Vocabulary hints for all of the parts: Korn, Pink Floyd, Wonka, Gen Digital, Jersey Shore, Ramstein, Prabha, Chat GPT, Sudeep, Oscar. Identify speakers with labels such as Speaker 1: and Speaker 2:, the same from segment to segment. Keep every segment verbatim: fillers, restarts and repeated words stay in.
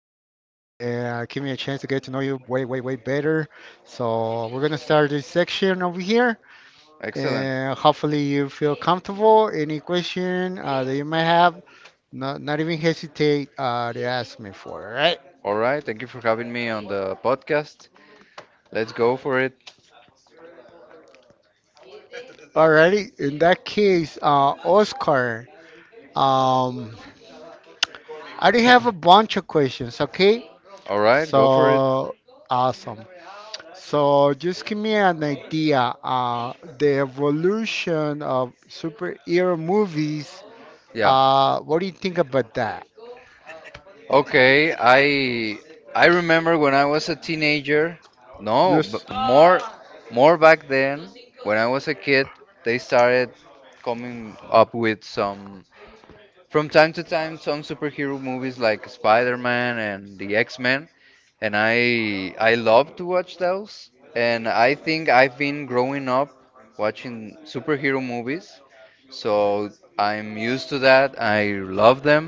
Speaker 1: uh, Give me a chance to get to know you way, way, way better. So we're gonna start this section over here,
Speaker 2: Excellent.
Speaker 1: and hopefully you feel comfortable. Any question uh, that you might have, not, not even hesitate uh, to ask me for. All right.
Speaker 2: All right. Thank you for having me on the podcast. Let's go for it.
Speaker 1: Alrighty. In that case, uh, Oscar, um, I do have a bunch of questions. Okay.
Speaker 2: All right. Go for it.
Speaker 1: So awesome. So just give me an idea. Uh, the evolution of superhero movies.
Speaker 2: Yeah.
Speaker 1: Uh, what do you think about that?
Speaker 2: Okay. I I remember when I was a teenager. No, but
Speaker 1: Yes.
Speaker 2: more more back then, when I was a kid, they started coming up with some from time to time, some superhero movies like Spider-Man and the X-Men, and I I love to watch those. And I think I've been growing up watching superhero movies, so I'm used to that. I love them.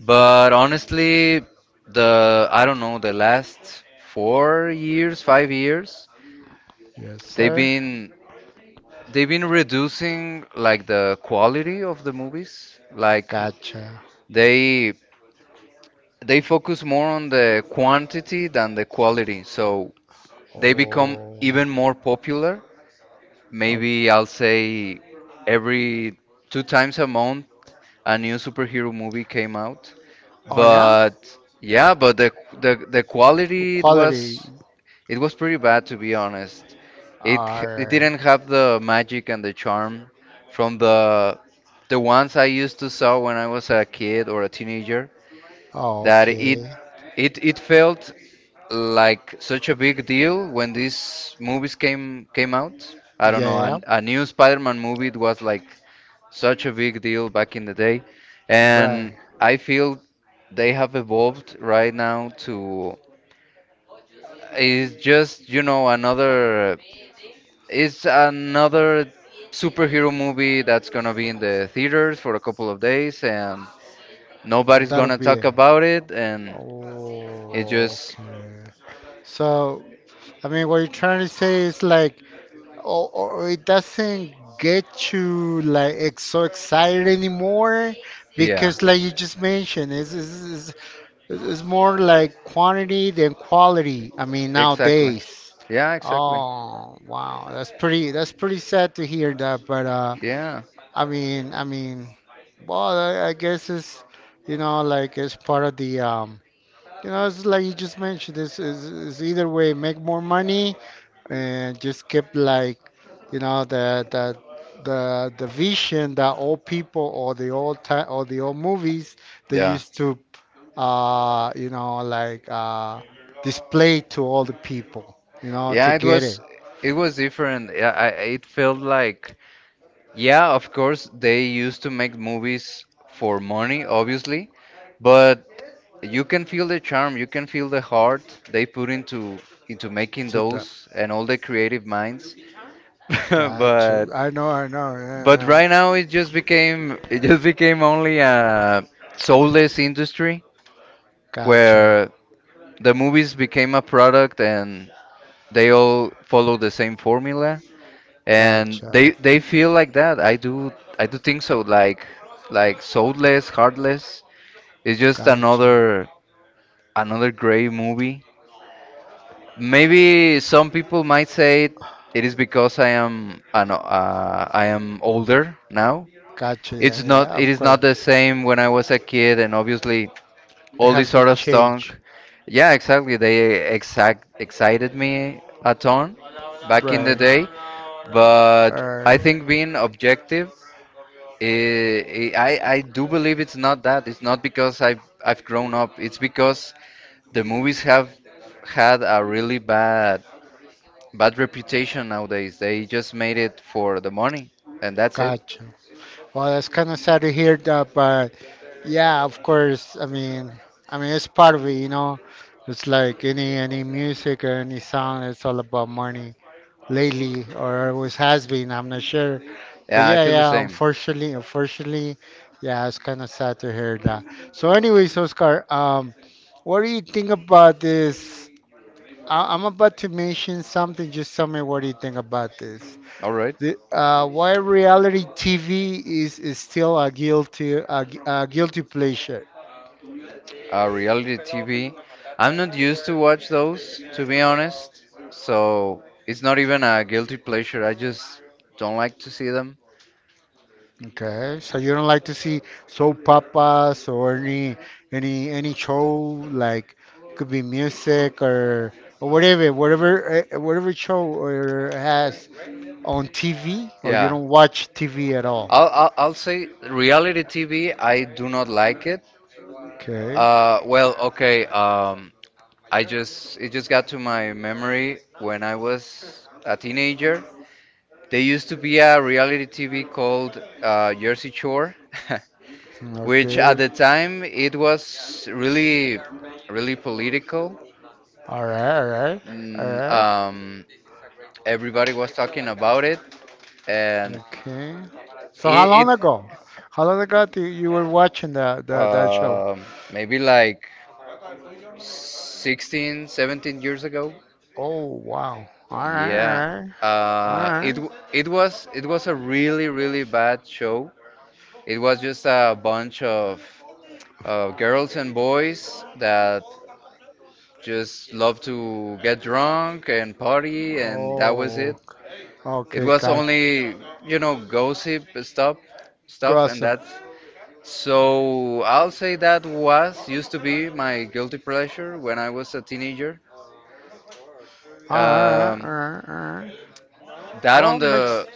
Speaker 2: But honestly, the I don't know, the last four years, five years,
Speaker 1: Yes,
Speaker 2: they've
Speaker 1: sir.
Speaker 2: been they've been reducing like the quality of the movies. Like
Speaker 1: Gotcha.
Speaker 2: they they focus more on the quantity than the quality. So they become
Speaker 1: Oh,
Speaker 2: even more popular.
Speaker 1: oh,
Speaker 2: Maybe I'll say every two times a month a new superhero movie came out.
Speaker 1: oh yeah.
Speaker 2: But yeah, but the the, the quality it
Speaker 1: Quality
Speaker 2: was it was pretty bad to be honest. It h- it
Speaker 1: are.
Speaker 2: didn't have the magic and the charm from the the ones I used to saw when I was a kid or a teenager,
Speaker 1: Oh,
Speaker 2: that it
Speaker 1: okay.
Speaker 2: it it felt like such a big deal when these movies came came out. I don't
Speaker 1: Yeah,
Speaker 2: know, a,
Speaker 1: yeah,
Speaker 2: a new Spider-Man movie was like such a big deal back in the day,
Speaker 1: yeah, right.
Speaker 2: and I feel they have evolved right now to it's just you know another it's another superhero movie that's gonna be in the theaters for a couple of days and nobody's
Speaker 1: That'll
Speaker 2: gonna
Speaker 1: be
Speaker 2: talk
Speaker 1: it.
Speaker 2: about it and it
Speaker 1: Oh.
Speaker 2: just
Speaker 1: Okay. So, I mean, what you're trying to say is like, oh, oh, it doesn't get you like ex- so excited anymore
Speaker 2: yeah.
Speaker 1: because, like you just mentioned, it's, it's, it's, it's more like quantity than quality. I mean,
Speaker 2: Exactly.
Speaker 1: nowadays.
Speaker 2: Yeah, exactly.
Speaker 1: Oh, wow, that's pretty. That's pretty sad to hear that. But uh,
Speaker 2: Yeah.
Speaker 1: I mean, I mean, well, I, I guess it's, you know, like it's part of the um, you know, it's like you just mentioned. This is is either way, make more money and just kept like you know the the the the vision that old people or the old time or the old movies they
Speaker 2: Yeah.
Speaker 1: used to uh you know like uh display to all the people you know
Speaker 2: Yeah,
Speaker 1: to
Speaker 2: it
Speaker 1: get it
Speaker 2: was it was different. Yeah, I, it felt like yeah, of course they used to make movies for money, obviously, but you can feel the charm, you can feel the heart they put into into making
Speaker 1: to the
Speaker 2: those and all the creative minds.
Speaker 1: gotcha.
Speaker 2: But
Speaker 1: I know, I know, yeah,
Speaker 2: But
Speaker 1: yeah,
Speaker 2: right
Speaker 1: yeah.
Speaker 2: now it just became it just became only a soulless industry
Speaker 1: Gotcha,
Speaker 2: where the movies became a product and they all follow the same formula and
Speaker 1: gotcha,
Speaker 2: they they feel like that. I do I do think so, like like soulless, heartless. It's just
Speaker 1: gotcha,
Speaker 2: another another gray movie. Maybe some people might say it is because I am an, uh, I am older now,
Speaker 1: gotcha, yeah,
Speaker 2: it's not,
Speaker 1: yeah, of
Speaker 2: it is
Speaker 1: course
Speaker 2: not the same when I was a kid, and obviously
Speaker 1: it
Speaker 2: all this
Speaker 1: has
Speaker 2: sort
Speaker 1: been
Speaker 2: of stuff,
Speaker 1: changed
Speaker 2: yeah, exactly, they exact excited me a ton back in the
Speaker 1: right.
Speaker 2: day, but
Speaker 1: uh,
Speaker 2: I think being objective, eh, eh, I I do believe it's not that, it's not because I've I've grown up, it's because the movies have had a really bad bad reputation nowadays, they just made it for the money and that's it.
Speaker 1: Gotcha. Well, that's kind of sad to hear that, but yeah, of course. I mean, I mean, it's part of it, you know. It's like any any music or any song. It's all about money lately, or always has been. I'm not sure, but
Speaker 2: Yeah, I
Speaker 1: yeah,
Speaker 2: feel the
Speaker 1: yeah.
Speaker 2: same.
Speaker 1: Unfortunately, unfortunately, yeah, it's kind of sad to hear that. So, anyways, Oscar, um, what do you think about this? I I'm about to mention something. Just tell me what do you think about this.
Speaker 2: All right,
Speaker 1: The, uh, why reality T V is, is still a guilty a, gu- a guilty pleasure.
Speaker 2: uh, reality T V. I'm not used to watch those, to be honest. So it's not even a guilty pleasure. I just don't like to see them.
Speaker 1: Okay, so you don't like to see soap operas or any any any show like could be music or or whatever whatever uh, whatever show or has on T V or you
Speaker 2: Yeah,
Speaker 1: don't watch T V at all.
Speaker 2: I'll I'll, I'll say reality T V. I do not like it.
Speaker 1: Okay,
Speaker 2: Uh, well, okay. Um, I just, it just got to my memory when I was a teenager. There used to be a reality T V called uh, Jersey Shore. Which
Speaker 1: okay,
Speaker 2: at the time it was really, really political.
Speaker 1: all right, all right, all
Speaker 2: Mm,
Speaker 1: right.
Speaker 2: Um, everybody was talking about it, and
Speaker 1: Okay. So how
Speaker 2: it,
Speaker 1: long
Speaker 2: it
Speaker 1: ago? How long ago do you were watching that that that show?
Speaker 2: um maybe like sixteen, seventeen years ago.
Speaker 1: Oh wow. All
Speaker 2: Yeah.
Speaker 1: right, all right, all
Speaker 2: Uh, it
Speaker 1: right.
Speaker 2: w- it was it was a really, really bad show. It was just a bunch of uh, girls and boys that just love to get drunk and party, and that was it.
Speaker 1: Oh,
Speaker 2: It
Speaker 1: okay,
Speaker 2: was
Speaker 1: got
Speaker 2: only, you know, gossip stuff, stuff, and
Speaker 1: gossip.
Speaker 2: that's. So I'll say that was used to be my guilty pleasure when I was a teenager.
Speaker 1: All right, all
Speaker 2: Um,
Speaker 1: right, all right.
Speaker 2: that on
Speaker 1: Well,
Speaker 2: the,
Speaker 1: makes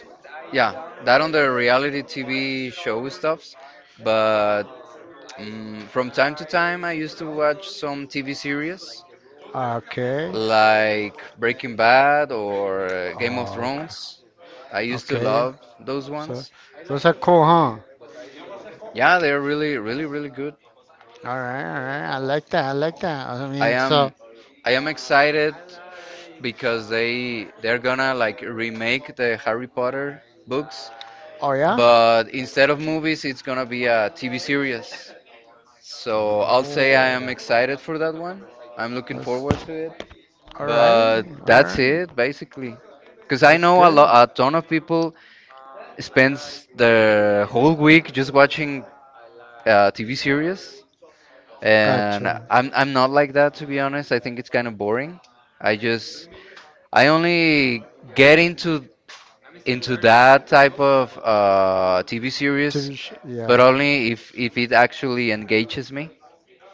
Speaker 2: yeah, that on the reality T V show stuffs. But um, from time to time, I used to watch some T V series
Speaker 1: okay.
Speaker 2: like Breaking Bad or uh, Game of
Speaker 1: Oh,
Speaker 2: Thrones. I used to
Speaker 1: okay, okay.
Speaker 2: love those
Speaker 1: So
Speaker 2: ones.
Speaker 1: those are cool, huh? All
Speaker 2: Yeah, they're really, really, really good.
Speaker 1: right, all right. I like that. I like that. I
Speaker 2: I
Speaker 1: mean,
Speaker 2: am
Speaker 1: so
Speaker 2: I am excited because they they're gonna like remake the Harry Potter books,
Speaker 1: oh yeah?
Speaker 2: but instead of movies, it's gonna be a T V series. So I'll say I am
Speaker 1: Oh,
Speaker 2: excited for that one. I'm looking
Speaker 1: that's
Speaker 2: forward to it.
Speaker 1: all right.
Speaker 2: But
Speaker 1: All
Speaker 2: that's
Speaker 1: right,
Speaker 2: it basically. Because I
Speaker 1: that's
Speaker 2: know a
Speaker 1: good.
Speaker 2: lot, a ton of people spends their whole week just watching uh, T V series, and
Speaker 1: Gotcha.
Speaker 2: I'm I'm not like that to be honest. I think it's kind of boring. I just, I only get into into that type of uh, T V series,
Speaker 1: T V sh
Speaker 2: but
Speaker 1: yeah.
Speaker 2: only if if it actually engages me,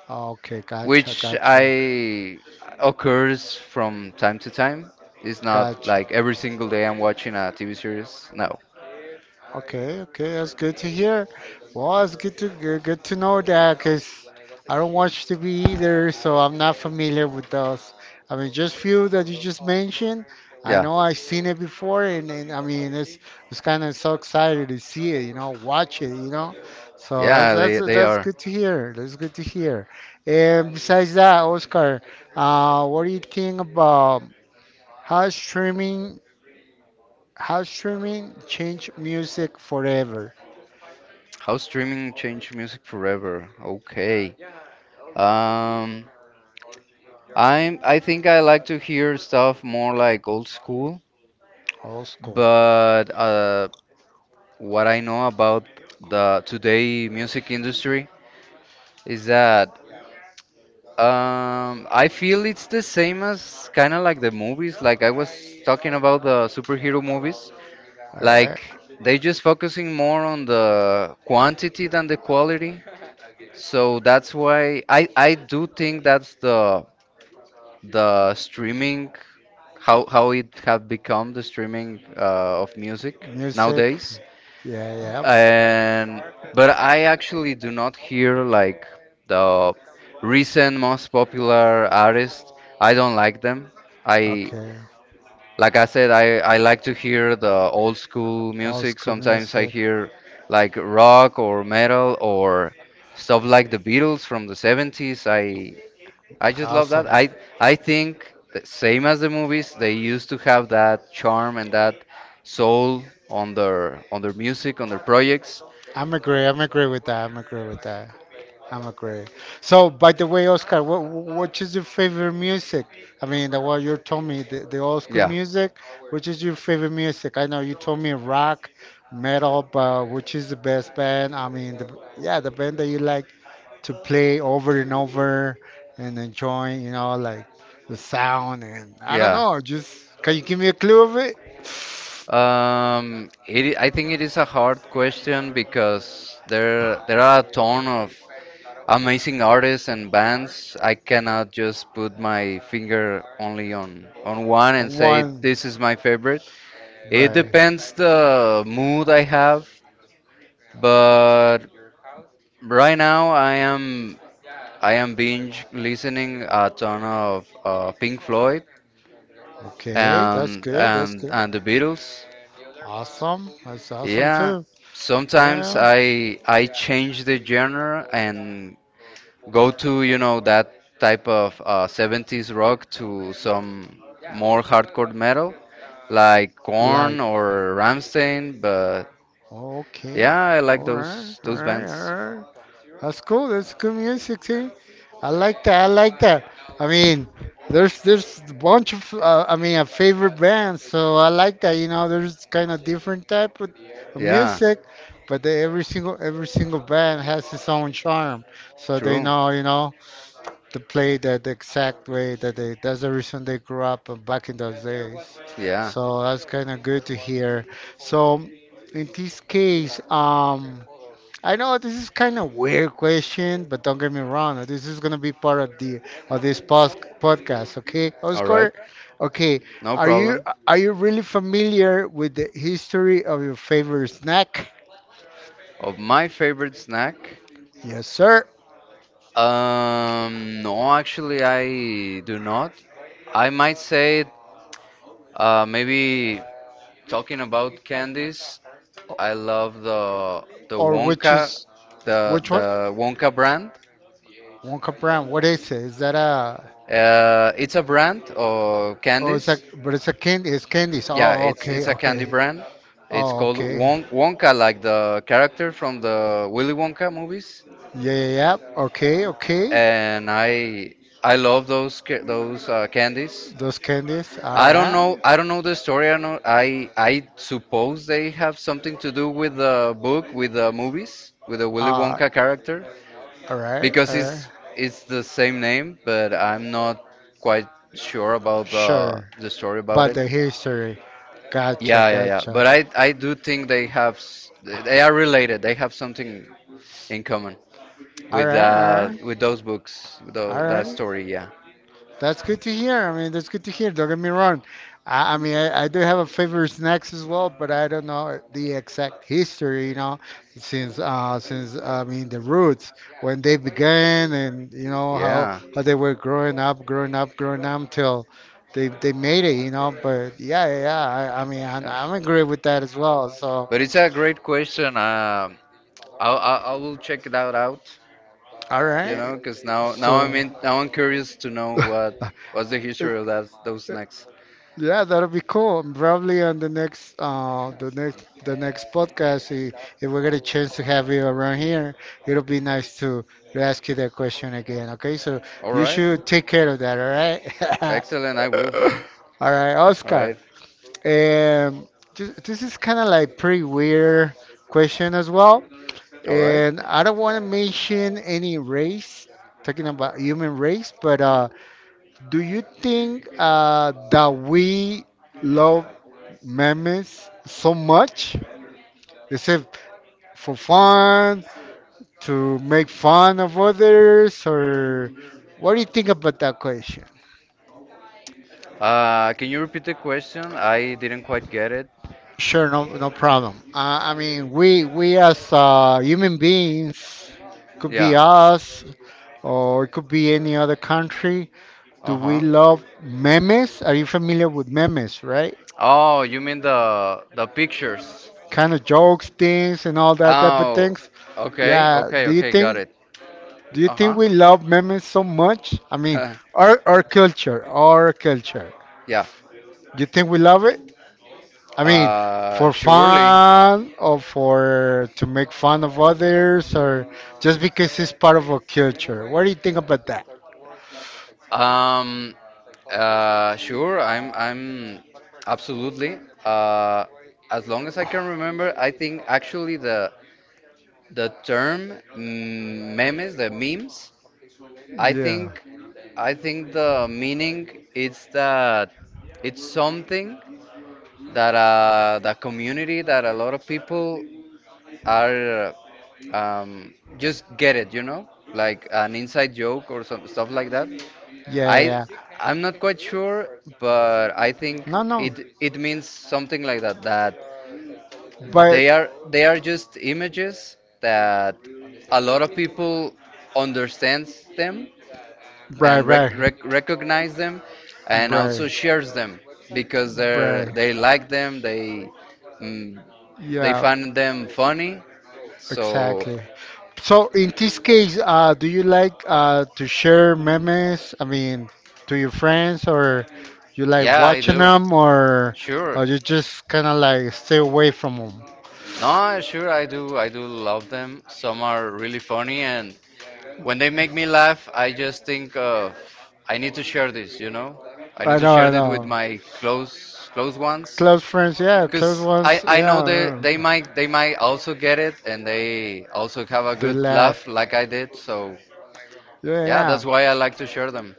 Speaker 1: Okay, gotcha,
Speaker 2: which
Speaker 1: gotcha,
Speaker 2: I occurs from time to time. It's not
Speaker 1: gotcha.
Speaker 2: like every single day I'm watching a T V series. No.
Speaker 1: Okay, okay, that's good to hear. Well, it's good to good, good to know that because I don't watch T V either, so I'm not familiar with those. I mean, just few that you just mentioned. I
Speaker 2: Yeah.
Speaker 1: know I've seen it before, and, and I mean, it's it's kind of so excited to see it, you know, watch it, you know. So that's
Speaker 2: Yeah,
Speaker 1: that's
Speaker 2: they they
Speaker 1: that's
Speaker 2: are.
Speaker 1: good to hear. That's good to hear. And besides that, Oscar, uh, what do you think about how streaming how streaming changed music forever?
Speaker 2: How streaming changed music forever. Okay. Um, I'm. I think I like to hear stuff more like old school,
Speaker 1: Old school.
Speaker 2: but uh, what I know about the today music industry is that um, I feel it's the same as kind of like the movies. Like I was talking about the superhero movies,
Speaker 1: All right.
Speaker 2: like they just focusing more on the quantity than the quality. So that's why I I do think that's the the streaming, how how it have become the streaming uh, of music
Speaker 1: Music.
Speaker 2: nowadays.
Speaker 1: Yeah, yeah.
Speaker 2: And but I actually do not hear like the recent most popular artists. I don't like them. I,
Speaker 1: Okay.
Speaker 2: like I said, I I like to hear the old school
Speaker 1: Old
Speaker 2: music.
Speaker 1: school
Speaker 2: Sometimes I
Speaker 1: music.
Speaker 2: hear like rock or metal or stuff like the Beatles from the seventies. I I just love
Speaker 1: Awesome.
Speaker 2: that. I I think that same as the movies, they used to have that charm and that soul on their, on their music, on their projects.
Speaker 1: I'm agree. I'm agree with that. I'm agree with that. I'm agree. So, by the way, Oscar, what what is your favorite music? I mean, the what you told me, the, the old school
Speaker 2: Yeah,
Speaker 1: music. Which is your favorite music? I know you told me rock, metal, but which is the best band? I mean, the yeah, the band that you like to play over and over and enjoying, you know, like the sound and I don't
Speaker 2: yeah.
Speaker 1: know, just can you give me a clue of it?
Speaker 2: Um, it, I I think it is a hard question because there there are a ton of amazing artists and bands. I cannot just put my finger only on on one and say
Speaker 1: One,
Speaker 2: this is my favorite. It
Speaker 1: right.
Speaker 2: depends the mood I have, but right now I am I am binge listening a ton of uh, Pink Floyd
Speaker 1: Okay, that's
Speaker 2: and
Speaker 1: good. That's
Speaker 2: and
Speaker 1: good.
Speaker 2: and the Beatles.
Speaker 1: Awesome. That's awesome
Speaker 2: Yeah,
Speaker 1: too.
Speaker 2: sometimes
Speaker 1: Yeah.
Speaker 2: I I change the genre and go to you know that type of uh, seventies rock to some more hardcore metal like Korn
Speaker 1: Like,
Speaker 2: or Ramstein, but
Speaker 1: okay.
Speaker 2: yeah, I like
Speaker 1: All right.
Speaker 2: those
Speaker 1: All
Speaker 2: those
Speaker 1: right.
Speaker 2: bands.
Speaker 1: All right. That's cool. That's good music too. I like that. I like that. I mean, there's there's a bunch of uh, I mean, a favorite bands. So I like that. You know, there's kind of different type of, of
Speaker 2: Yeah,
Speaker 1: music, but they, every single every single band has its own charm. So they
Speaker 2: true.
Speaker 1: know, you know, to play that the exact way that they. That's the reason they grew up uh, back in those days.
Speaker 2: Yeah,
Speaker 1: So that's kind of good to hear. So in this case, um. I know this is kind of weird question, but don't get me wrong. This is gonna be part of the of this pos- podcast, okay,
Speaker 2: all right,
Speaker 1: Oscar? Okay,
Speaker 2: no
Speaker 1: are you
Speaker 2: problem.
Speaker 1: are you really familiar with the history of your favorite snack?
Speaker 2: Of my favorite snack.
Speaker 1: Yes, sir.
Speaker 2: Um, no, actually, I do not. I might say, uh, maybe talking about candies, I love the the
Speaker 1: Or which
Speaker 2: Wonka,
Speaker 1: is
Speaker 2: the
Speaker 1: which one?
Speaker 2: the Wonka brand.
Speaker 1: Wonka Brown. What is it? Is that a?
Speaker 2: Uh, it's a brand of
Speaker 1: Oh, it's like,
Speaker 2: candies.
Speaker 1: but it's a candy. It's candies.
Speaker 2: Yeah,
Speaker 1: Oh,
Speaker 2: it's it's
Speaker 1: okay,
Speaker 2: a candy
Speaker 1: okay.
Speaker 2: brand. It's
Speaker 1: Oh,
Speaker 2: called
Speaker 1: okay.
Speaker 2: Won Wonka, like the character from the Willy Wonka movies.
Speaker 1: Yeah, yeah, yeah. Okay, okay.
Speaker 2: And I I love those ca- those uh, candies.
Speaker 1: Those candies. All
Speaker 2: I don't know.
Speaker 1: right.
Speaker 2: I don't know the story. I know. I I suppose they have something to do with the book, with the movies, with the Willy
Speaker 1: Uh,
Speaker 2: Wonka character,
Speaker 1: all right,
Speaker 2: because
Speaker 1: all right.
Speaker 2: it's it's the same name. But I'm not quite sure about the
Speaker 1: Sure.
Speaker 2: the story about
Speaker 1: But
Speaker 2: it.
Speaker 1: the history. Gotcha,
Speaker 2: Yeah, yeah, yeah.
Speaker 1: gotcha.
Speaker 2: But I I do think they have s- they are related. They have something in common
Speaker 1: All
Speaker 2: with
Speaker 1: right, all
Speaker 2: uh
Speaker 1: right,
Speaker 2: with those books, with tho-
Speaker 1: all
Speaker 2: that
Speaker 1: right.
Speaker 2: story. Yeah,
Speaker 1: That's good to hear. I mean, that's good to hear. Don't get me wrong. I, I mean, I, I do have a favorite snacks as well, but I don't know the exact history, you know, since uh since I mean the roots when they began and you know how
Speaker 2: yeah.
Speaker 1: how they were growing up, growing up, growing up till they they made it, you know. But yeah, yeah, yeah. I, I mean, I, I'm
Speaker 2: Yeah.
Speaker 1: I'm agree with that as well. So
Speaker 2: But it's a great question. Um, I, I I will check that out.
Speaker 1: all
Speaker 2: You
Speaker 1: right,
Speaker 2: know, because now now I'm
Speaker 1: so.
Speaker 2: in, now I'm curious to know what what's the history of that those snacks.
Speaker 1: Yeah, that'll be cool. And probably on the next, uh, the next, the next podcast, i- if we get a chance to have you around here, it'll be nice to to ask you that question again. Okay, so
Speaker 2: All
Speaker 1: you
Speaker 2: right,
Speaker 1: should take care of that. All
Speaker 2: excellent. I will.
Speaker 1: right. All right,
Speaker 2: All
Speaker 1: Oscar.
Speaker 2: right,
Speaker 1: Um, this, this is kind of like pretty weird question as well,
Speaker 2: all right.
Speaker 1: and I don't want to mention any race, talking about human race, but uh. Do you think uh, that we love memes so much? Is it for fun, to make fun of others, or what do you think about that question?
Speaker 2: Uh, can you repeat the question? I didn't quite get it.
Speaker 1: Sure, no, no problem. Uh, I mean, we we as uh, human beings, could be
Speaker 2: Yeah.
Speaker 1: us, or it could be any other country. Do
Speaker 2: Uh
Speaker 1: we
Speaker 2: huh.
Speaker 1: love memes? Are you familiar with memes, right?
Speaker 2: Oh, you mean the the pictures?
Speaker 1: Kind of jokes, things, and all that type of
Speaker 2: Oh,
Speaker 1: things.
Speaker 2: okay,
Speaker 1: Yeah.
Speaker 2: okay,
Speaker 1: Do you
Speaker 2: okay. Got
Speaker 1: think
Speaker 2: it.
Speaker 1: Do you think
Speaker 2: Uh-huh.
Speaker 1: we love memes so much? I mean, our our culture, our culture.
Speaker 2: Yeah.
Speaker 1: Do you think we love it? I mean,
Speaker 2: Uh,
Speaker 1: for
Speaker 2: surely.
Speaker 1: fun or for to make fun of others or just because it's part of our culture. What do you think about that?
Speaker 2: Um, uh, sure, I'm, I'm absolutely. Uh, as long as I can remember, I think actually the The term mm, memes, the memes, I
Speaker 1: Yeah.
Speaker 2: think I think the meaning is that it's something that uh, the community, that a lot of people are um, just get it, you know, like an inside joke or some stuff like that.
Speaker 1: Yeah,
Speaker 2: I
Speaker 1: yeah.
Speaker 2: I'm not quite sure, but I think
Speaker 1: No, no.
Speaker 2: it, it means something like that. That
Speaker 1: But
Speaker 2: they are they are just images that a lot of people understands them
Speaker 1: right,
Speaker 2: and rec-
Speaker 1: right.
Speaker 2: rec- recognize them and
Speaker 1: Right,
Speaker 2: also shares them because they
Speaker 1: right.
Speaker 2: they like them, they, mm, they
Speaker 1: Yeah,
Speaker 2: find them funny, so
Speaker 1: exactly. So in this case, uh, do you like uh, to share memes? I mean, to your friends, or you like
Speaker 2: yeah, I
Speaker 1: watching
Speaker 2: do,
Speaker 1: them, or
Speaker 2: sure,
Speaker 1: or you just kind of like stay away from them?
Speaker 2: no, sure, I do, I do love them, some are really funny, and when they make me laugh, I just think of I need to share this, you know? I need
Speaker 1: I
Speaker 2: to
Speaker 1: know,
Speaker 2: share
Speaker 1: I
Speaker 2: it with
Speaker 1: know.
Speaker 2: my close close ones,
Speaker 1: Close friends, yeah.
Speaker 2: cuz
Speaker 1: Close
Speaker 2: I
Speaker 1: ones,
Speaker 2: I know they
Speaker 1: yeah,
Speaker 2: they
Speaker 1: yeah.
Speaker 2: might, they might also get it, and they also have a
Speaker 1: They
Speaker 2: good laugh
Speaker 1: laugh,
Speaker 2: like I did. So,
Speaker 1: yeah,
Speaker 2: yeah,
Speaker 1: yeah.
Speaker 2: that's why I like to share them.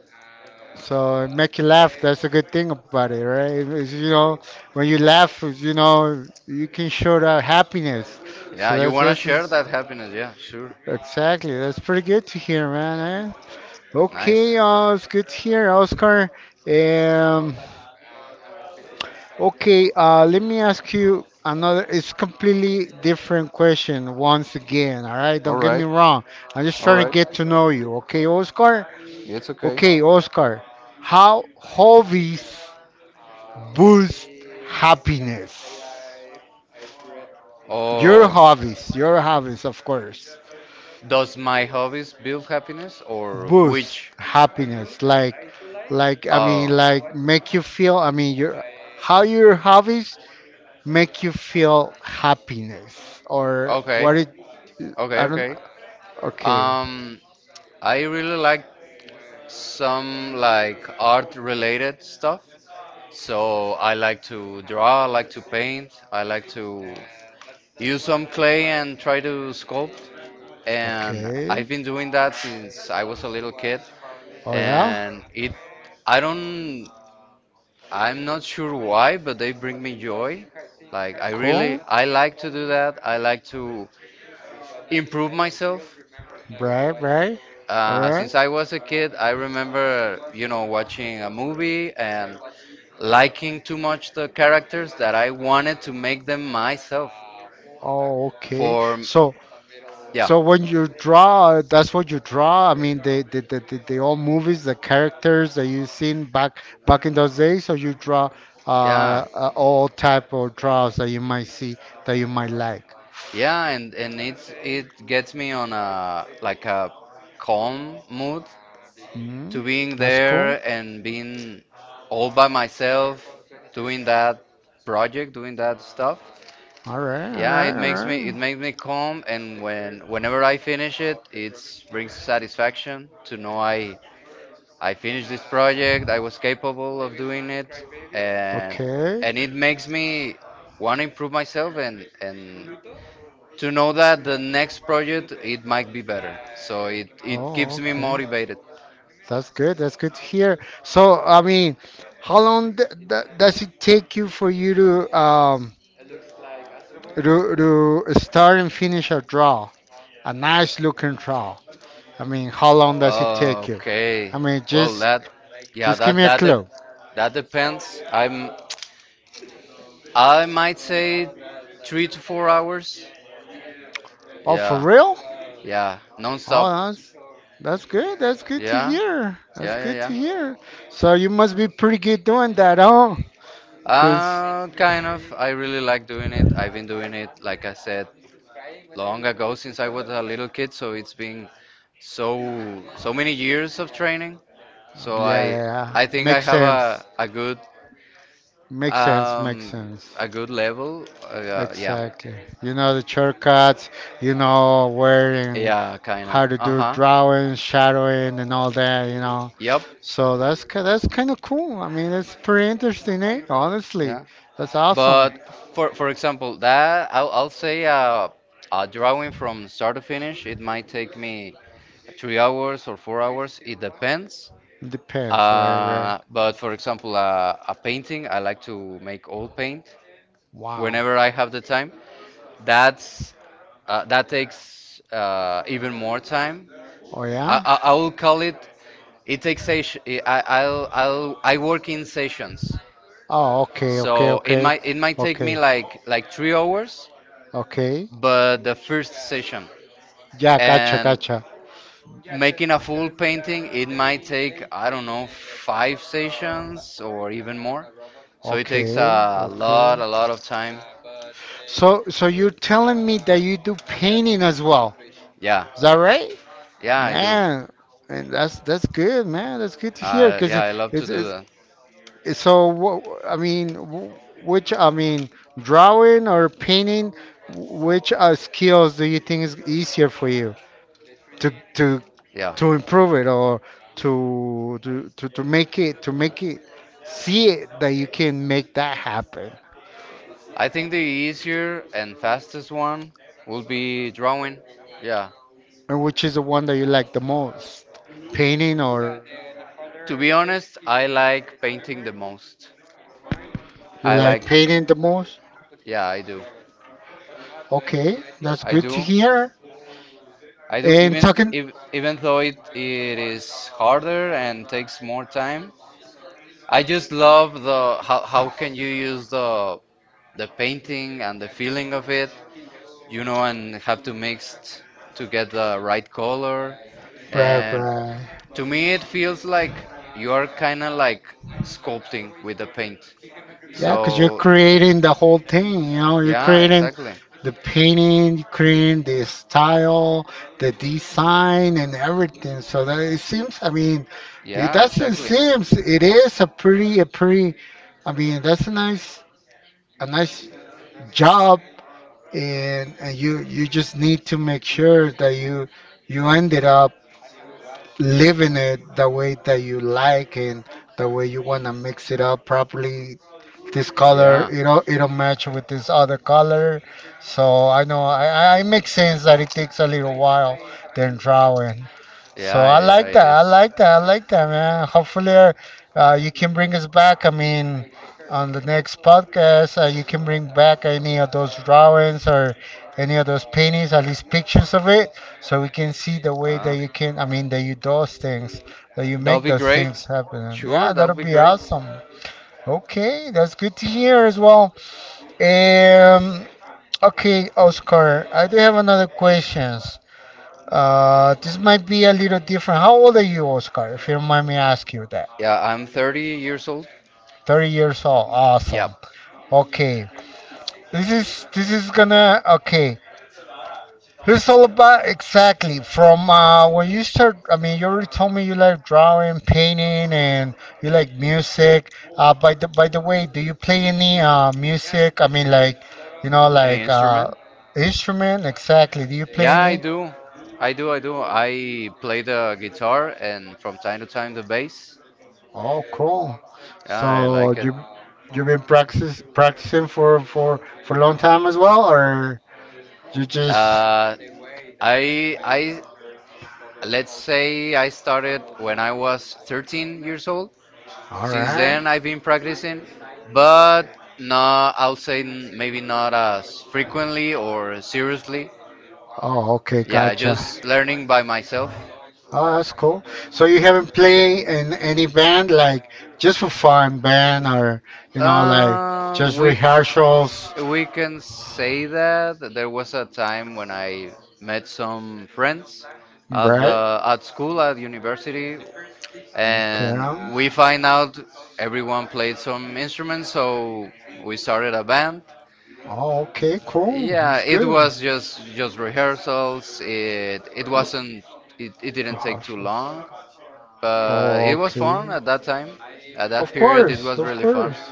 Speaker 1: So it make you laugh. That's a good thing about it, right? It's, you know, when you laugh, you know, you can show that happiness.
Speaker 2: Yeah,
Speaker 1: So
Speaker 2: you
Speaker 1: that's
Speaker 2: want to
Speaker 1: that's
Speaker 2: share
Speaker 1: just,
Speaker 2: that happiness. Yeah, sure.
Speaker 1: exactly. That's pretty good to hear, man, eh?
Speaker 2: Nice.
Speaker 1: Okay, uh, it's good here, Oscar. Um, okay, uh, let me ask you another. It's completely different question once again. All right,
Speaker 2: All
Speaker 1: don't get me
Speaker 2: right.
Speaker 1: wrong. I'm just
Speaker 2: All
Speaker 1: trying to
Speaker 2: right.
Speaker 1: get to know you. Okay, Oscar.
Speaker 2: It's okay.
Speaker 1: Okay, Oscar. How hobbies boost happiness? Your
Speaker 2: Oh,
Speaker 1: hobbies, your hobbies, of course,
Speaker 2: does my hobbies build happiness or
Speaker 1: boost
Speaker 2: which?
Speaker 1: happiness. Like, like I
Speaker 2: Oh,
Speaker 1: mean,
Speaker 2: Uh,
Speaker 1: like make you feel. I mean, your how your hobbies make you feel happiness or
Speaker 2: okay,
Speaker 1: what it
Speaker 2: okay,
Speaker 1: I don't
Speaker 2: okay.
Speaker 1: okay.
Speaker 2: Um, I really like some like art related stuff. So I like to draw, I like to paint, I like to use some clay and try to sculpt. And I've
Speaker 1: Okay.
Speaker 2: been doing that since I was a little kid.
Speaker 1: Oh yeah.
Speaker 2: And it, I don't, I'm not sure why, but they bring me joy. Like I really,
Speaker 1: Cool.
Speaker 2: I like to do that. I like to improve myself.
Speaker 1: Right, right. All
Speaker 2: Uh,
Speaker 1: right.
Speaker 2: since I was a kid, I remember, you know, watching a movie and liking too much the characters that I wanted to make them myself.
Speaker 1: Oh, okay.
Speaker 2: For
Speaker 1: So
Speaker 2: yeah,
Speaker 1: so when you draw, that's what you draw. I mean, the the the, the, the old movies, the characters that you seen back back in those days. So you draw
Speaker 2: yeah,
Speaker 1: uh, uh all type of draws that you might see that you might like.
Speaker 2: yeah, and and it's it gets me on a like a calm mood
Speaker 1: Mm,
Speaker 2: to being
Speaker 1: that's cool.
Speaker 2: there and being all by myself doing that project, doing that stuff.
Speaker 1: All right,
Speaker 2: Yeah, it
Speaker 1: all
Speaker 2: makes
Speaker 1: right,
Speaker 2: me
Speaker 1: all
Speaker 2: it
Speaker 1: right.
Speaker 2: makes me calm, and when whenever I finish it, it brings satisfaction to know I I finished this project. I was capable of doing it, and
Speaker 1: Okay.
Speaker 2: and it makes me want to improve myself and and to know that the next project it might be better. So it it
Speaker 1: Oh,
Speaker 2: keeps me
Speaker 1: okay.
Speaker 2: motivated.
Speaker 1: That's good. That's good to hear. So, I mean, how long d d does it take you for you to um to, to start and finish a draw, a nice looking draw? I mean, how long does it take you?
Speaker 2: Okay.
Speaker 1: I mean,
Speaker 2: Well,
Speaker 1: just
Speaker 2: that yeah,
Speaker 1: just give
Speaker 2: that
Speaker 1: me a
Speaker 2: that dep
Speaker 1: clue.
Speaker 2: that depends. I'm I might say three to four hours.
Speaker 1: Oh, for
Speaker 2: Yeah,
Speaker 1: real?
Speaker 2: yeah,
Speaker 1: Oh,
Speaker 2: non-stop.
Speaker 1: that's that's good. That's good to
Speaker 2: Yeah,
Speaker 1: hear. That's
Speaker 2: yeah,
Speaker 1: good
Speaker 2: yeah, yeah.
Speaker 1: to hear. So you must be pretty good doing that, huh? Cause
Speaker 2: Uh, kind of. I really like doing it. I've been doing it, like I said, long ago since I was a little kid. So it's been so so many years of training. So
Speaker 1: yeah, yeah,
Speaker 2: I
Speaker 1: yeah.
Speaker 2: I think I
Speaker 1: Makes
Speaker 2: have a
Speaker 1: sense.
Speaker 2: a good
Speaker 1: Makes sense. Makes
Speaker 2: um
Speaker 1: sense.
Speaker 2: a good level. Uh, yeah,
Speaker 1: Exactly. You know the shortcuts. You know where and
Speaker 2: yeah, kind of.
Speaker 1: how to
Speaker 2: Uh
Speaker 1: do
Speaker 2: huh.
Speaker 1: drawing, shadowing, and all that. You know.
Speaker 2: Yep.
Speaker 1: So that's ki- that's kind of cool. I mean, it's pretty interesting, eh? Honestly,
Speaker 2: Yeah.
Speaker 1: that's awesome.
Speaker 2: But for for example, that I'll, I'll say uh, a drawing from start to finish, it might take me three hours or four hours. It depends.
Speaker 1: Depends, right? Right.
Speaker 2: Uh, but for example, uh, a painting, I like to make oil paint
Speaker 1: Wow.
Speaker 2: whenever I have the time. That's uh, that takes uh, even more time.
Speaker 1: Oh
Speaker 2: I,
Speaker 1: yeah?
Speaker 2: I, I will call it. It takes session. I I'll, I'll I work in sessions,
Speaker 1: Oh, okay, okay,
Speaker 2: so it
Speaker 1: okay.
Speaker 2: might it might take me
Speaker 1: Okay.
Speaker 2: like like three hours
Speaker 1: Okay,
Speaker 2: but the first session
Speaker 1: yeah, gotcha,
Speaker 2: and
Speaker 1: gotcha.
Speaker 2: making a full painting it might take I don't know five sessions or even more, so it takes
Speaker 1: Okay,
Speaker 2: a lot
Speaker 1: okay.
Speaker 2: a lot of time.
Speaker 1: So so you're telling me that you do painting as well.
Speaker 2: Yeah,
Speaker 1: Is that right?
Speaker 2: yeah, I do.
Speaker 1: Man, and that's that's good, man. That's good to hear
Speaker 2: Uh,
Speaker 1: because
Speaker 2: yeah,
Speaker 1: it,
Speaker 2: I love to
Speaker 1: it's,
Speaker 2: do
Speaker 1: it's
Speaker 2: that.
Speaker 1: it's- so what I mean, wh- which I mean, drawing or painting, wh- which uh, skills do you think is easier for you to to
Speaker 2: Yeah,
Speaker 1: to improve it or to to to, to make it to make it see it that you can make that happen.
Speaker 2: I think the easier and fastest one will be drawing. Yeah.
Speaker 1: And which is the one that you like the most? Painting.
Speaker 2: Yeah, to be honest, I like painting the most.
Speaker 1: You
Speaker 2: I like,
Speaker 1: like painting the most?
Speaker 2: yeah, I do.
Speaker 1: Okay, that's good to
Speaker 2: Do.
Speaker 1: hear.
Speaker 2: I do
Speaker 1: And
Speaker 2: even
Speaker 1: talking,
Speaker 2: if, even though it, it is harder and takes more time. I just love the how, how can you use the the painting and the feeling of it, you know, and have to mix t- to get the right color.
Speaker 1: right,
Speaker 2: And
Speaker 1: right.
Speaker 2: to me, it feels like you are kind of like sculpting with the paint. So,
Speaker 1: Yeah, because you're creating the whole thing, you know, you're
Speaker 2: yeah,
Speaker 1: creating
Speaker 2: exactly.
Speaker 1: the painting, you're creating the style, the design, and everything. So that it seems, I mean, it
Speaker 2: Yeah,
Speaker 1: doesn't
Speaker 2: exactly.
Speaker 1: seems, it is a pretty, a pretty, I mean, that's a nice, a nice job. And, and you you just need to make sure that you you ended up living it the way that you like, and the way you want to mix it up properly. This color,
Speaker 2: Yeah,
Speaker 1: it don't, it don't match with this other color, so I know I, I I make sense that it takes a little while than drawing. So
Speaker 2: yeah,
Speaker 1: I
Speaker 2: yeah, yeah,
Speaker 1: like
Speaker 2: it
Speaker 1: that, I
Speaker 2: is.
Speaker 1: like that, I like that, man. Hopefully uh, you can bring us back, I mean on the next podcast uh, you can bring back any of those drawings or any of those paintings, at least pictures of it, so we can see the way that
Speaker 2: Ah,
Speaker 1: you can, I mean that you do those things, that you
Speaker 2: that'll
Speaker 1: make
Speaker 2: be
Speaker 1: those
Speaker 2: great.
Speaker 1: things happen.
Speaker 2: Sure,
Speaker 1: Yeah,
Speaker 2: that'll
Speaker 1: that'll
Speaker 2: be
Speaker 1: be
Speaker 2: great.
Speaker 1: awesome. Okay, that's good to hear as well. Um, okay, Oscar, I do have another questions. Uh, this might be a little different. How old are you, Oscar? If you don't mind me asking you that.
Speaker 2: Yeah, I'm thirty years old.
Speaker 1: thirty years old.
Speaker 2: Yeah,
Speaker 1: Awesome. Okay. This is this is gonna okay. It's all about exactly from uh, when you start. I mean, you already told me you like drawing, painting, and you like music. Uh, by the by the way, do you play any uh, music? I mean, like you know, like uh,
Speaker 2: instrument?
Speaker 1: instrument. Exactly. Do you play any?
Speaker 2: Do. I do, I do. I play the guitar and from time to time the bass.
Speaker 1: Oh, cool.
Speaker 2: I
Speaker 1: So you you've been practice practicing for for for a long time as well, or you just,
Speaker 2: Uh, I I Let's say I started when I was thirteen years old.
Speaker 1: all
Speaker 2: Since
Speaker 1: right?
Speaker 2: then, I've been practicing, but not, I'll say n- maybe not as frequently or seriously.
Speaker 1: Oh, okay,
Speaker 2: Yeah,
Speaker 1: gotcha.
Speaker 2: just learning by myself.
Speaker 1: Oh, that's cool. So you haven't played in any band, like just for fun band, or you know, like
Speaker 2: Uh,
Speaker 1: just
Speaker 2: we
Speaker 1: rehearsals,
Speaker 2: we can say that there was a time when I met some friends at
Speaker 1: right?
Speaker 2: the at school at university.
Speaker 1: Okay.
Speaker 2: And we find out everyone played some instruments, so we started a band.
Speaker 1: Oh, okay, cool.
Speaker 2: Yeah,
Speaker 1: That's
Speaker 2: it
Speaker 1: good.
Speaker 2: was just just rehearsals. it it wasn't it, It didn't take too
Speaker 1: Rehearsals.
Speaker 2: long, but
Speaker 1: Oh,
Speaker 2: it was fun
Speaker 1: okay.
Speaker 2: at that time. At that
Speaker 1: Of
Speaker 2: period it
Speaker 1: course,
Speaker 2: was
Speaker 1: of
Speaker 2: really fun.
Speaker 1: course.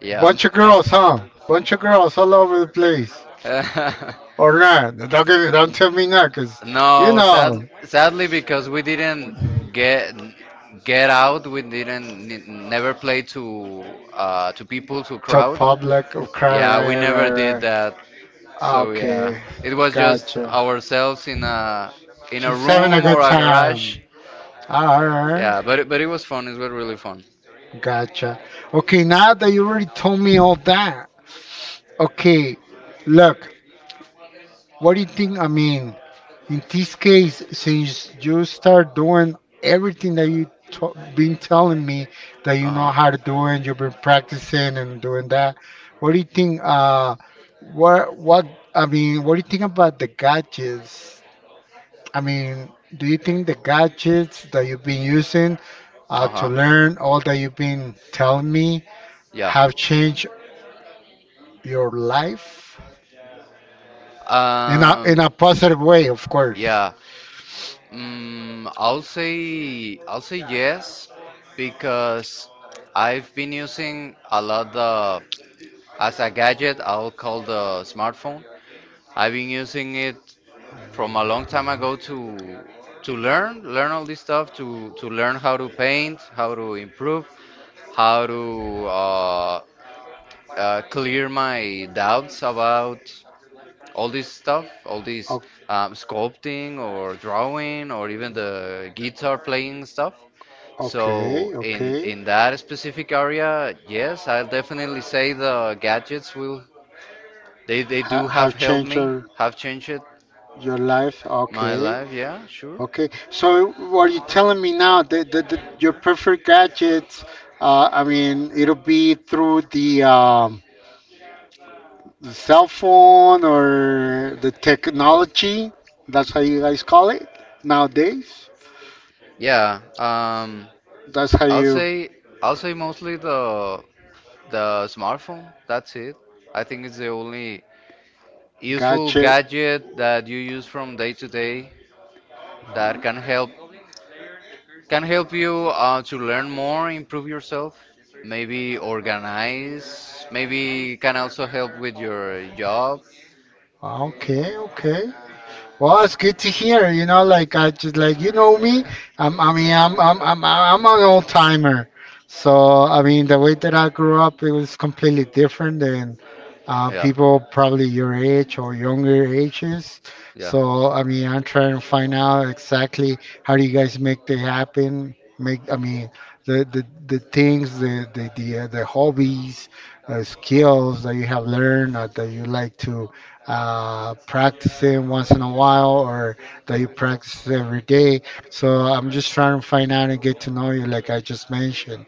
Speaker 2: Yeah.
Speaker 1: Bunch of girls, huh? Bunch of girls all over the place. Or not? Don't give me, don't tell me not, cause you
Speaker 2: No, sad,
Speaker 1: know,
Speaker 2: sadly because we didn't get get out, we didn't n- never play to uh, to people, to
Speaker 1: to
Speaker 2: crowd.
Speaker 1: public crowd,
Speaker 2: Yeah, we
Speaker 1: right, right,
Speaker 2: never did
Speaker 1: right.
Speaker 2: that.
Speaker 1: Ah,
Speaker 2: So
Speaker 1: okay,
Speaker 2: yeah, it was just
Speaker 1: gotcha.
Speaker 2: ourselves in a in a
Speaker 1: Just having a
Speaker 2: room
Speaker 1: good
Speaker 2: or a
Speaker 1: time.
Speaker 2: garage.
Speaker 1: Alright,
Speaker 2: Yeah, but it- but it was fun. It was really fun.
Speaker 1: gotcha. Okay, now that you already told me all that, okay, look, what do you think? I mean, in this case, since you start doing everything that you to- been telling me that you
Speaker 2: Uh
Speaker 1: know
Speaker 2: huh.
Speaker 1: how to do and you've been practicing and doing that, what do you think? Uh, what what I mean, what do you think about the gadgets? I mean, do you think the gadgets that you've been using, uh,
Speaker 2: Uh
Speaker 1: to
Speaker 2: huh.
Speaker 1: learn all that you've been telling me,
Speaker 2: Yeah.
Speaker 1: have changed your life in a
Speaker 2: Um.
Speaker 1: in a positive way, of course.
Speaker 2: Yeah. Mm, I'll say I'll say yes because I've been using a lot the, as a gadget, I'll call the smartphone. I've been using it from a long time
Speaker 1: Wow.
Speaker 2: ago to to learn learn all this stuff, to to learn how to paint, how to improve, how to uh, uh, clear my doubts about all this stuff, all this
Speaker 1: O-
Speaker 2: um, sculpting or drawing or even the guitar playing stuff.
Speaker 1: okay,
Speaker 2: So in
Speaker 1: okay.
Speaker 2: in that specific area, yes, I'll definitely say the gadgets will, they they
Speaker 1: Ha-
Speaker 2: do have
Speaker 1: have
Speaker 2: helped
Speaker 1: changed
Speaker 2: me,
Speaker 1: your
Speaker 2: have changed
Speaker 1: your life.
Speaker 2: my
Speaker 1: Okay,
Speaker 2: life. Yeah, sure.
Speaker 1: okay. So what you telling me now that, that, that your preferred gadgets? Uh, I mean, it'll be through the um, the cell phone or the technology. That's how you guys call it nowadays.
Speaker 2: Yeah, um,
Speaker 1: That's how
Speaker 2: I'll
Speaker 1: you,
Speaker 2: say I'll say mostly the the smartphone. That's it. I think it's the only useful
Speaker 1: gotcha.
Speaker 2: gadget that you use from day to day that can help can help you uh, to learn more, improve yourself, maybe organize, maybe can also help with your job.
Speaker 1: Ah, okay, okay. Well, it's good to hear. You know, like I just, like, you know me. I'm, I mean, I'm, I'm, I'm, I'm an old timer. So I mean, the way that I grew up, it was completely different than uh,
Speaker 2: Yeah,
Speaker 1: people probably your age or younger ages.
Speaker 2: yeah.
Speaker 1: So I mean, I'm trying to find out exactly how do you guys make they happen. Make, I mean, the the, the things, the the the, uh, the hobbies, uh, skills that you have learned uh, that you like to uh, practice in once in a while, or that you practice every day. So I'm just trying to find out and get to know you, like I just mentioned.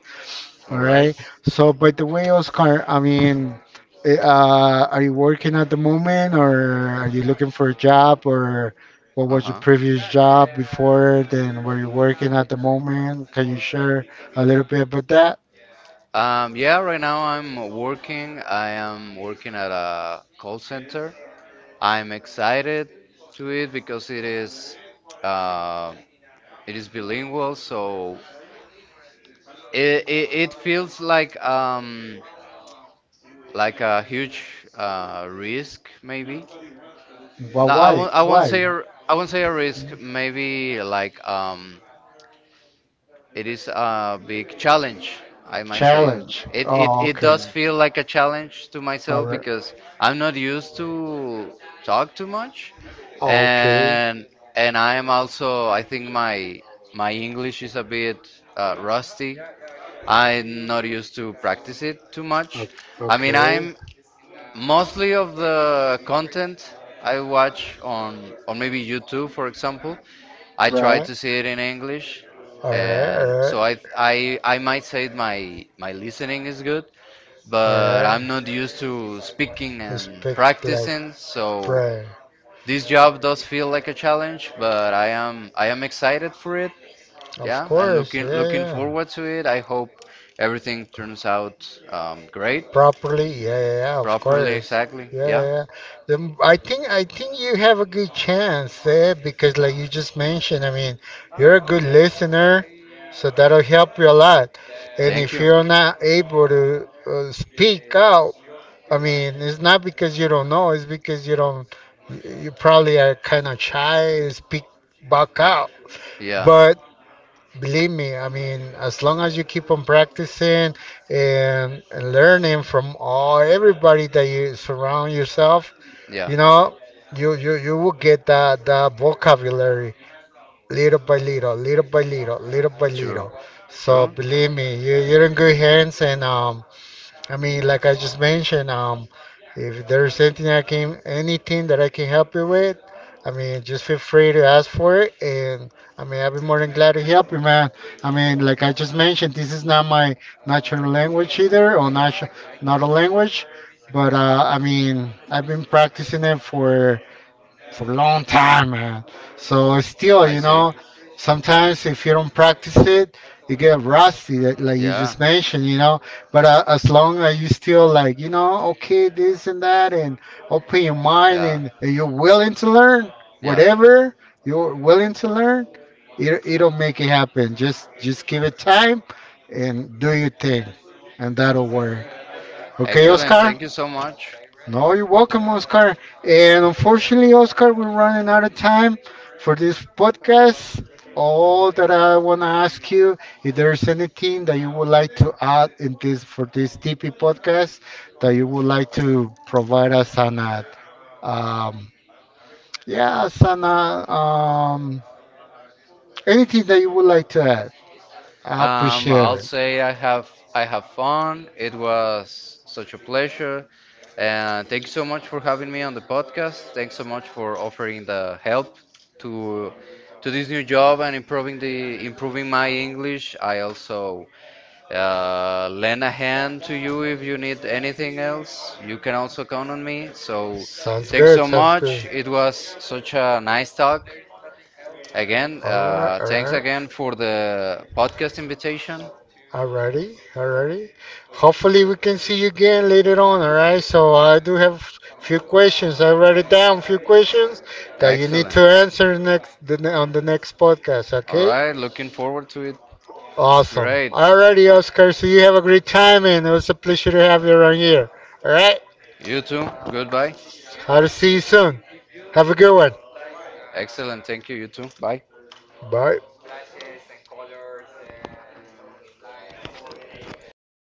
Speaker 2: All
Speaker 1: All
Speaker 2: right.
Speaker 1: right. So, by the way, Oscar, I mean, eh, uh, are you working at the moment, or are you looking for a job, or what was your
Speaker 2: Uh-huh.
Speaker 1: previous job before? Then, were you working at the moment? Can you share a little bit about that?
Speaker 2: Um, yeah, right now I'm working. I am working at a call center. I'm excited to it because it is uh, it is bilingual, so it, it, it feels like um, like a huge uh, risk maybe.
Speaker 1: But
Speaker 2: No, I
Speaker 1: why?
Speaker 2: won't I won't say
Speaker 1: Why?
Speaker 2: a, I won't say a risk. Maybe like, um, it is a big challenge, I might say.
Speaker 1: Challenge.
Speaker 2: It, it,
Speaker 1: Oh,
Speaker 2: it
Speaker 1: okay.
Speaker 2: does feel like a challenge to
Speaker 1: All
Speaker 2: myself
Speaker 1: right.
Speaker 2: because I'm not used to talk too much.
Speaker 1: Oh, okay.
Speaker 2: And and I am also, I think my my English is a bit uh, rusty. I'm not used to practice it too much.
Speaker 1: Okay,
Speaker 2: I mean,
Speaker 1: okay.
Speaker 2: I'm mostly of the content I watch on on maybe YouTube, for example, I try
Speaker 1: Right.
Speaker 2: to see it in English,
Speaker 1: All right, all
Speaker 2: and
Speaker 1: right,
Speaker 2: so I I I might say my my listening is good,
Speaker 1: all
Speaker 2: but I'm
Speaker 1: right.
Speaker 2: not used to speaking and
Speaker 1: Speak like
Speaker 2: practicing, so
Speaker 1: bread.
Speaker 2: this job does feel like a challenge, but I am I am excited for it.
Speaker 1: Of
Speaker 2: Yeah, and
Speaker 1: course.
Speaker 2: looking
Speaker 1: Yeah, yeah,
Speaker 2: looking
Speaker 1: yeah.
Speaker 2: forward to it. I hope everything turns out, um, great,
Speaker 1: Properly. Yeah, yeah, yeah, of
Speaker 2: properly,
Speaker 1: course.
Speaker 2: exactly.
Speaker 1: Yeah, yeah,
Speaker 2: Yeah.
Speaker 1: yeah. The m- I think I think you have a good chance there because, like you just mentioned, I mean, you're a good listener, so that'll help you a lot. And
Speaker 2: Thank
Speaker 1: if
Speaker 2: you.
Speaker 1: you're not able to uh, speak out, I mean, it's not because you don't know; it's because you don't. You, you probably are kind of shy to speak back out.
Speaker 2: Yeah.
Speaker 1: But, believe me, I mean, as long as you keep on practicing and, and learning from all everybody that you surround yourself,
Speaker 2: Yeah.
Speaker 1: you know, you you you will get that that vocabulary little by little, little by little, little by
Speaker 2: True.
Speaker 1: little. So
Speaker 2: True.
Speaker 1: believe me, you you're in good hands, and um, I mean, like I just mentioned, um, if there's anything I can, anything that I can help you with, I mean, just feel free to ask for it, and I mean, I'll be more than glad to help you, man. I mean, like I just mentioned, this is not my natural language either, or not not a language, but uh, I mean, I've been practicing it for for a long time, man. So still,
Speaker 2: I
Speaker 1: you
Speaker 2: see.
Speaker 1: know, sometimes if you don't practice it, you get rusty, that- like you
Speaker 2: Yeah.
Speaker 1: just mentioned, you know. But uh, as long as you still like, you know, okay, this and that, and open your mind,
Speaker 2: Yeah.
Speaker 1: and, and you're willing to learn
Speaker 2: Yeah.
Speaker 1: whatever you're willing to learn, it it'll make it happen. Just just give it time, and do your thing, and that'll work. Okay,
Speaker 2: Excellent.
Speaker 1: Oscar.
Speaker 2: Thank you so much.
Speaker 1: No, you're welcome, Oscar. And unfortunately, Oscar, we're running out of time for this podcast. All that I want to ask you, if there's anything that you would like to add in this for this T P podcast that you would like to provide us an, uh, um, yeah, as an, uh, um, anything that you would like to add, I
Speaker 2: Um,
Speaker 1: appreciate
Speaker 2: I'll
Speaker 1: it.
Speaker 2: say I have I have fun. It was such a pleasure, and thanks so much for having me on the podcast. Thanks so much for offering the help to to this new job and improving the improving my English. I also uh, lend a hand to you if you need anything else. You can also count on me. So,
Speaker 1: Sounds
Speaker 2: thanks
Speaker 1: good.
Speaker 2: so
Speaker 1: Sounds good.
Speaker 2: much. It was such a nice talk. Again,
Speaker 1: All right,
Speaker 2: uh,
Speaker 1: all
Speaker 2: thanks
Speaker 1: right.
Speaker 2: again for the podcast invitation.
Speaker 1: Alrighty, alrighty. Hopefully we can see you again later on, alright? So I do have few questions. I write it down, few questions that you need
Speaker 2: Excellent.
Speaker 1: to answer next the, ne- on the next podcast,
Speaker 2: All
Speaker 1: okay?
Speaker 2: right, looking forward to it.
Speaker 1: Awesome.
Speaker 2: Great.
Speaker 1: Alrighty, Oscar. So you have a great time and it was a pleasure to have you around here. Alright?
Speaker 2: You too. Goodbye.
Speaker 1: I'll see you soon. Have a good one.
Speaker 2: Excellent. Thank you. You too. Bye.
Speaker 1: Bye.
Speaker 2: Sí.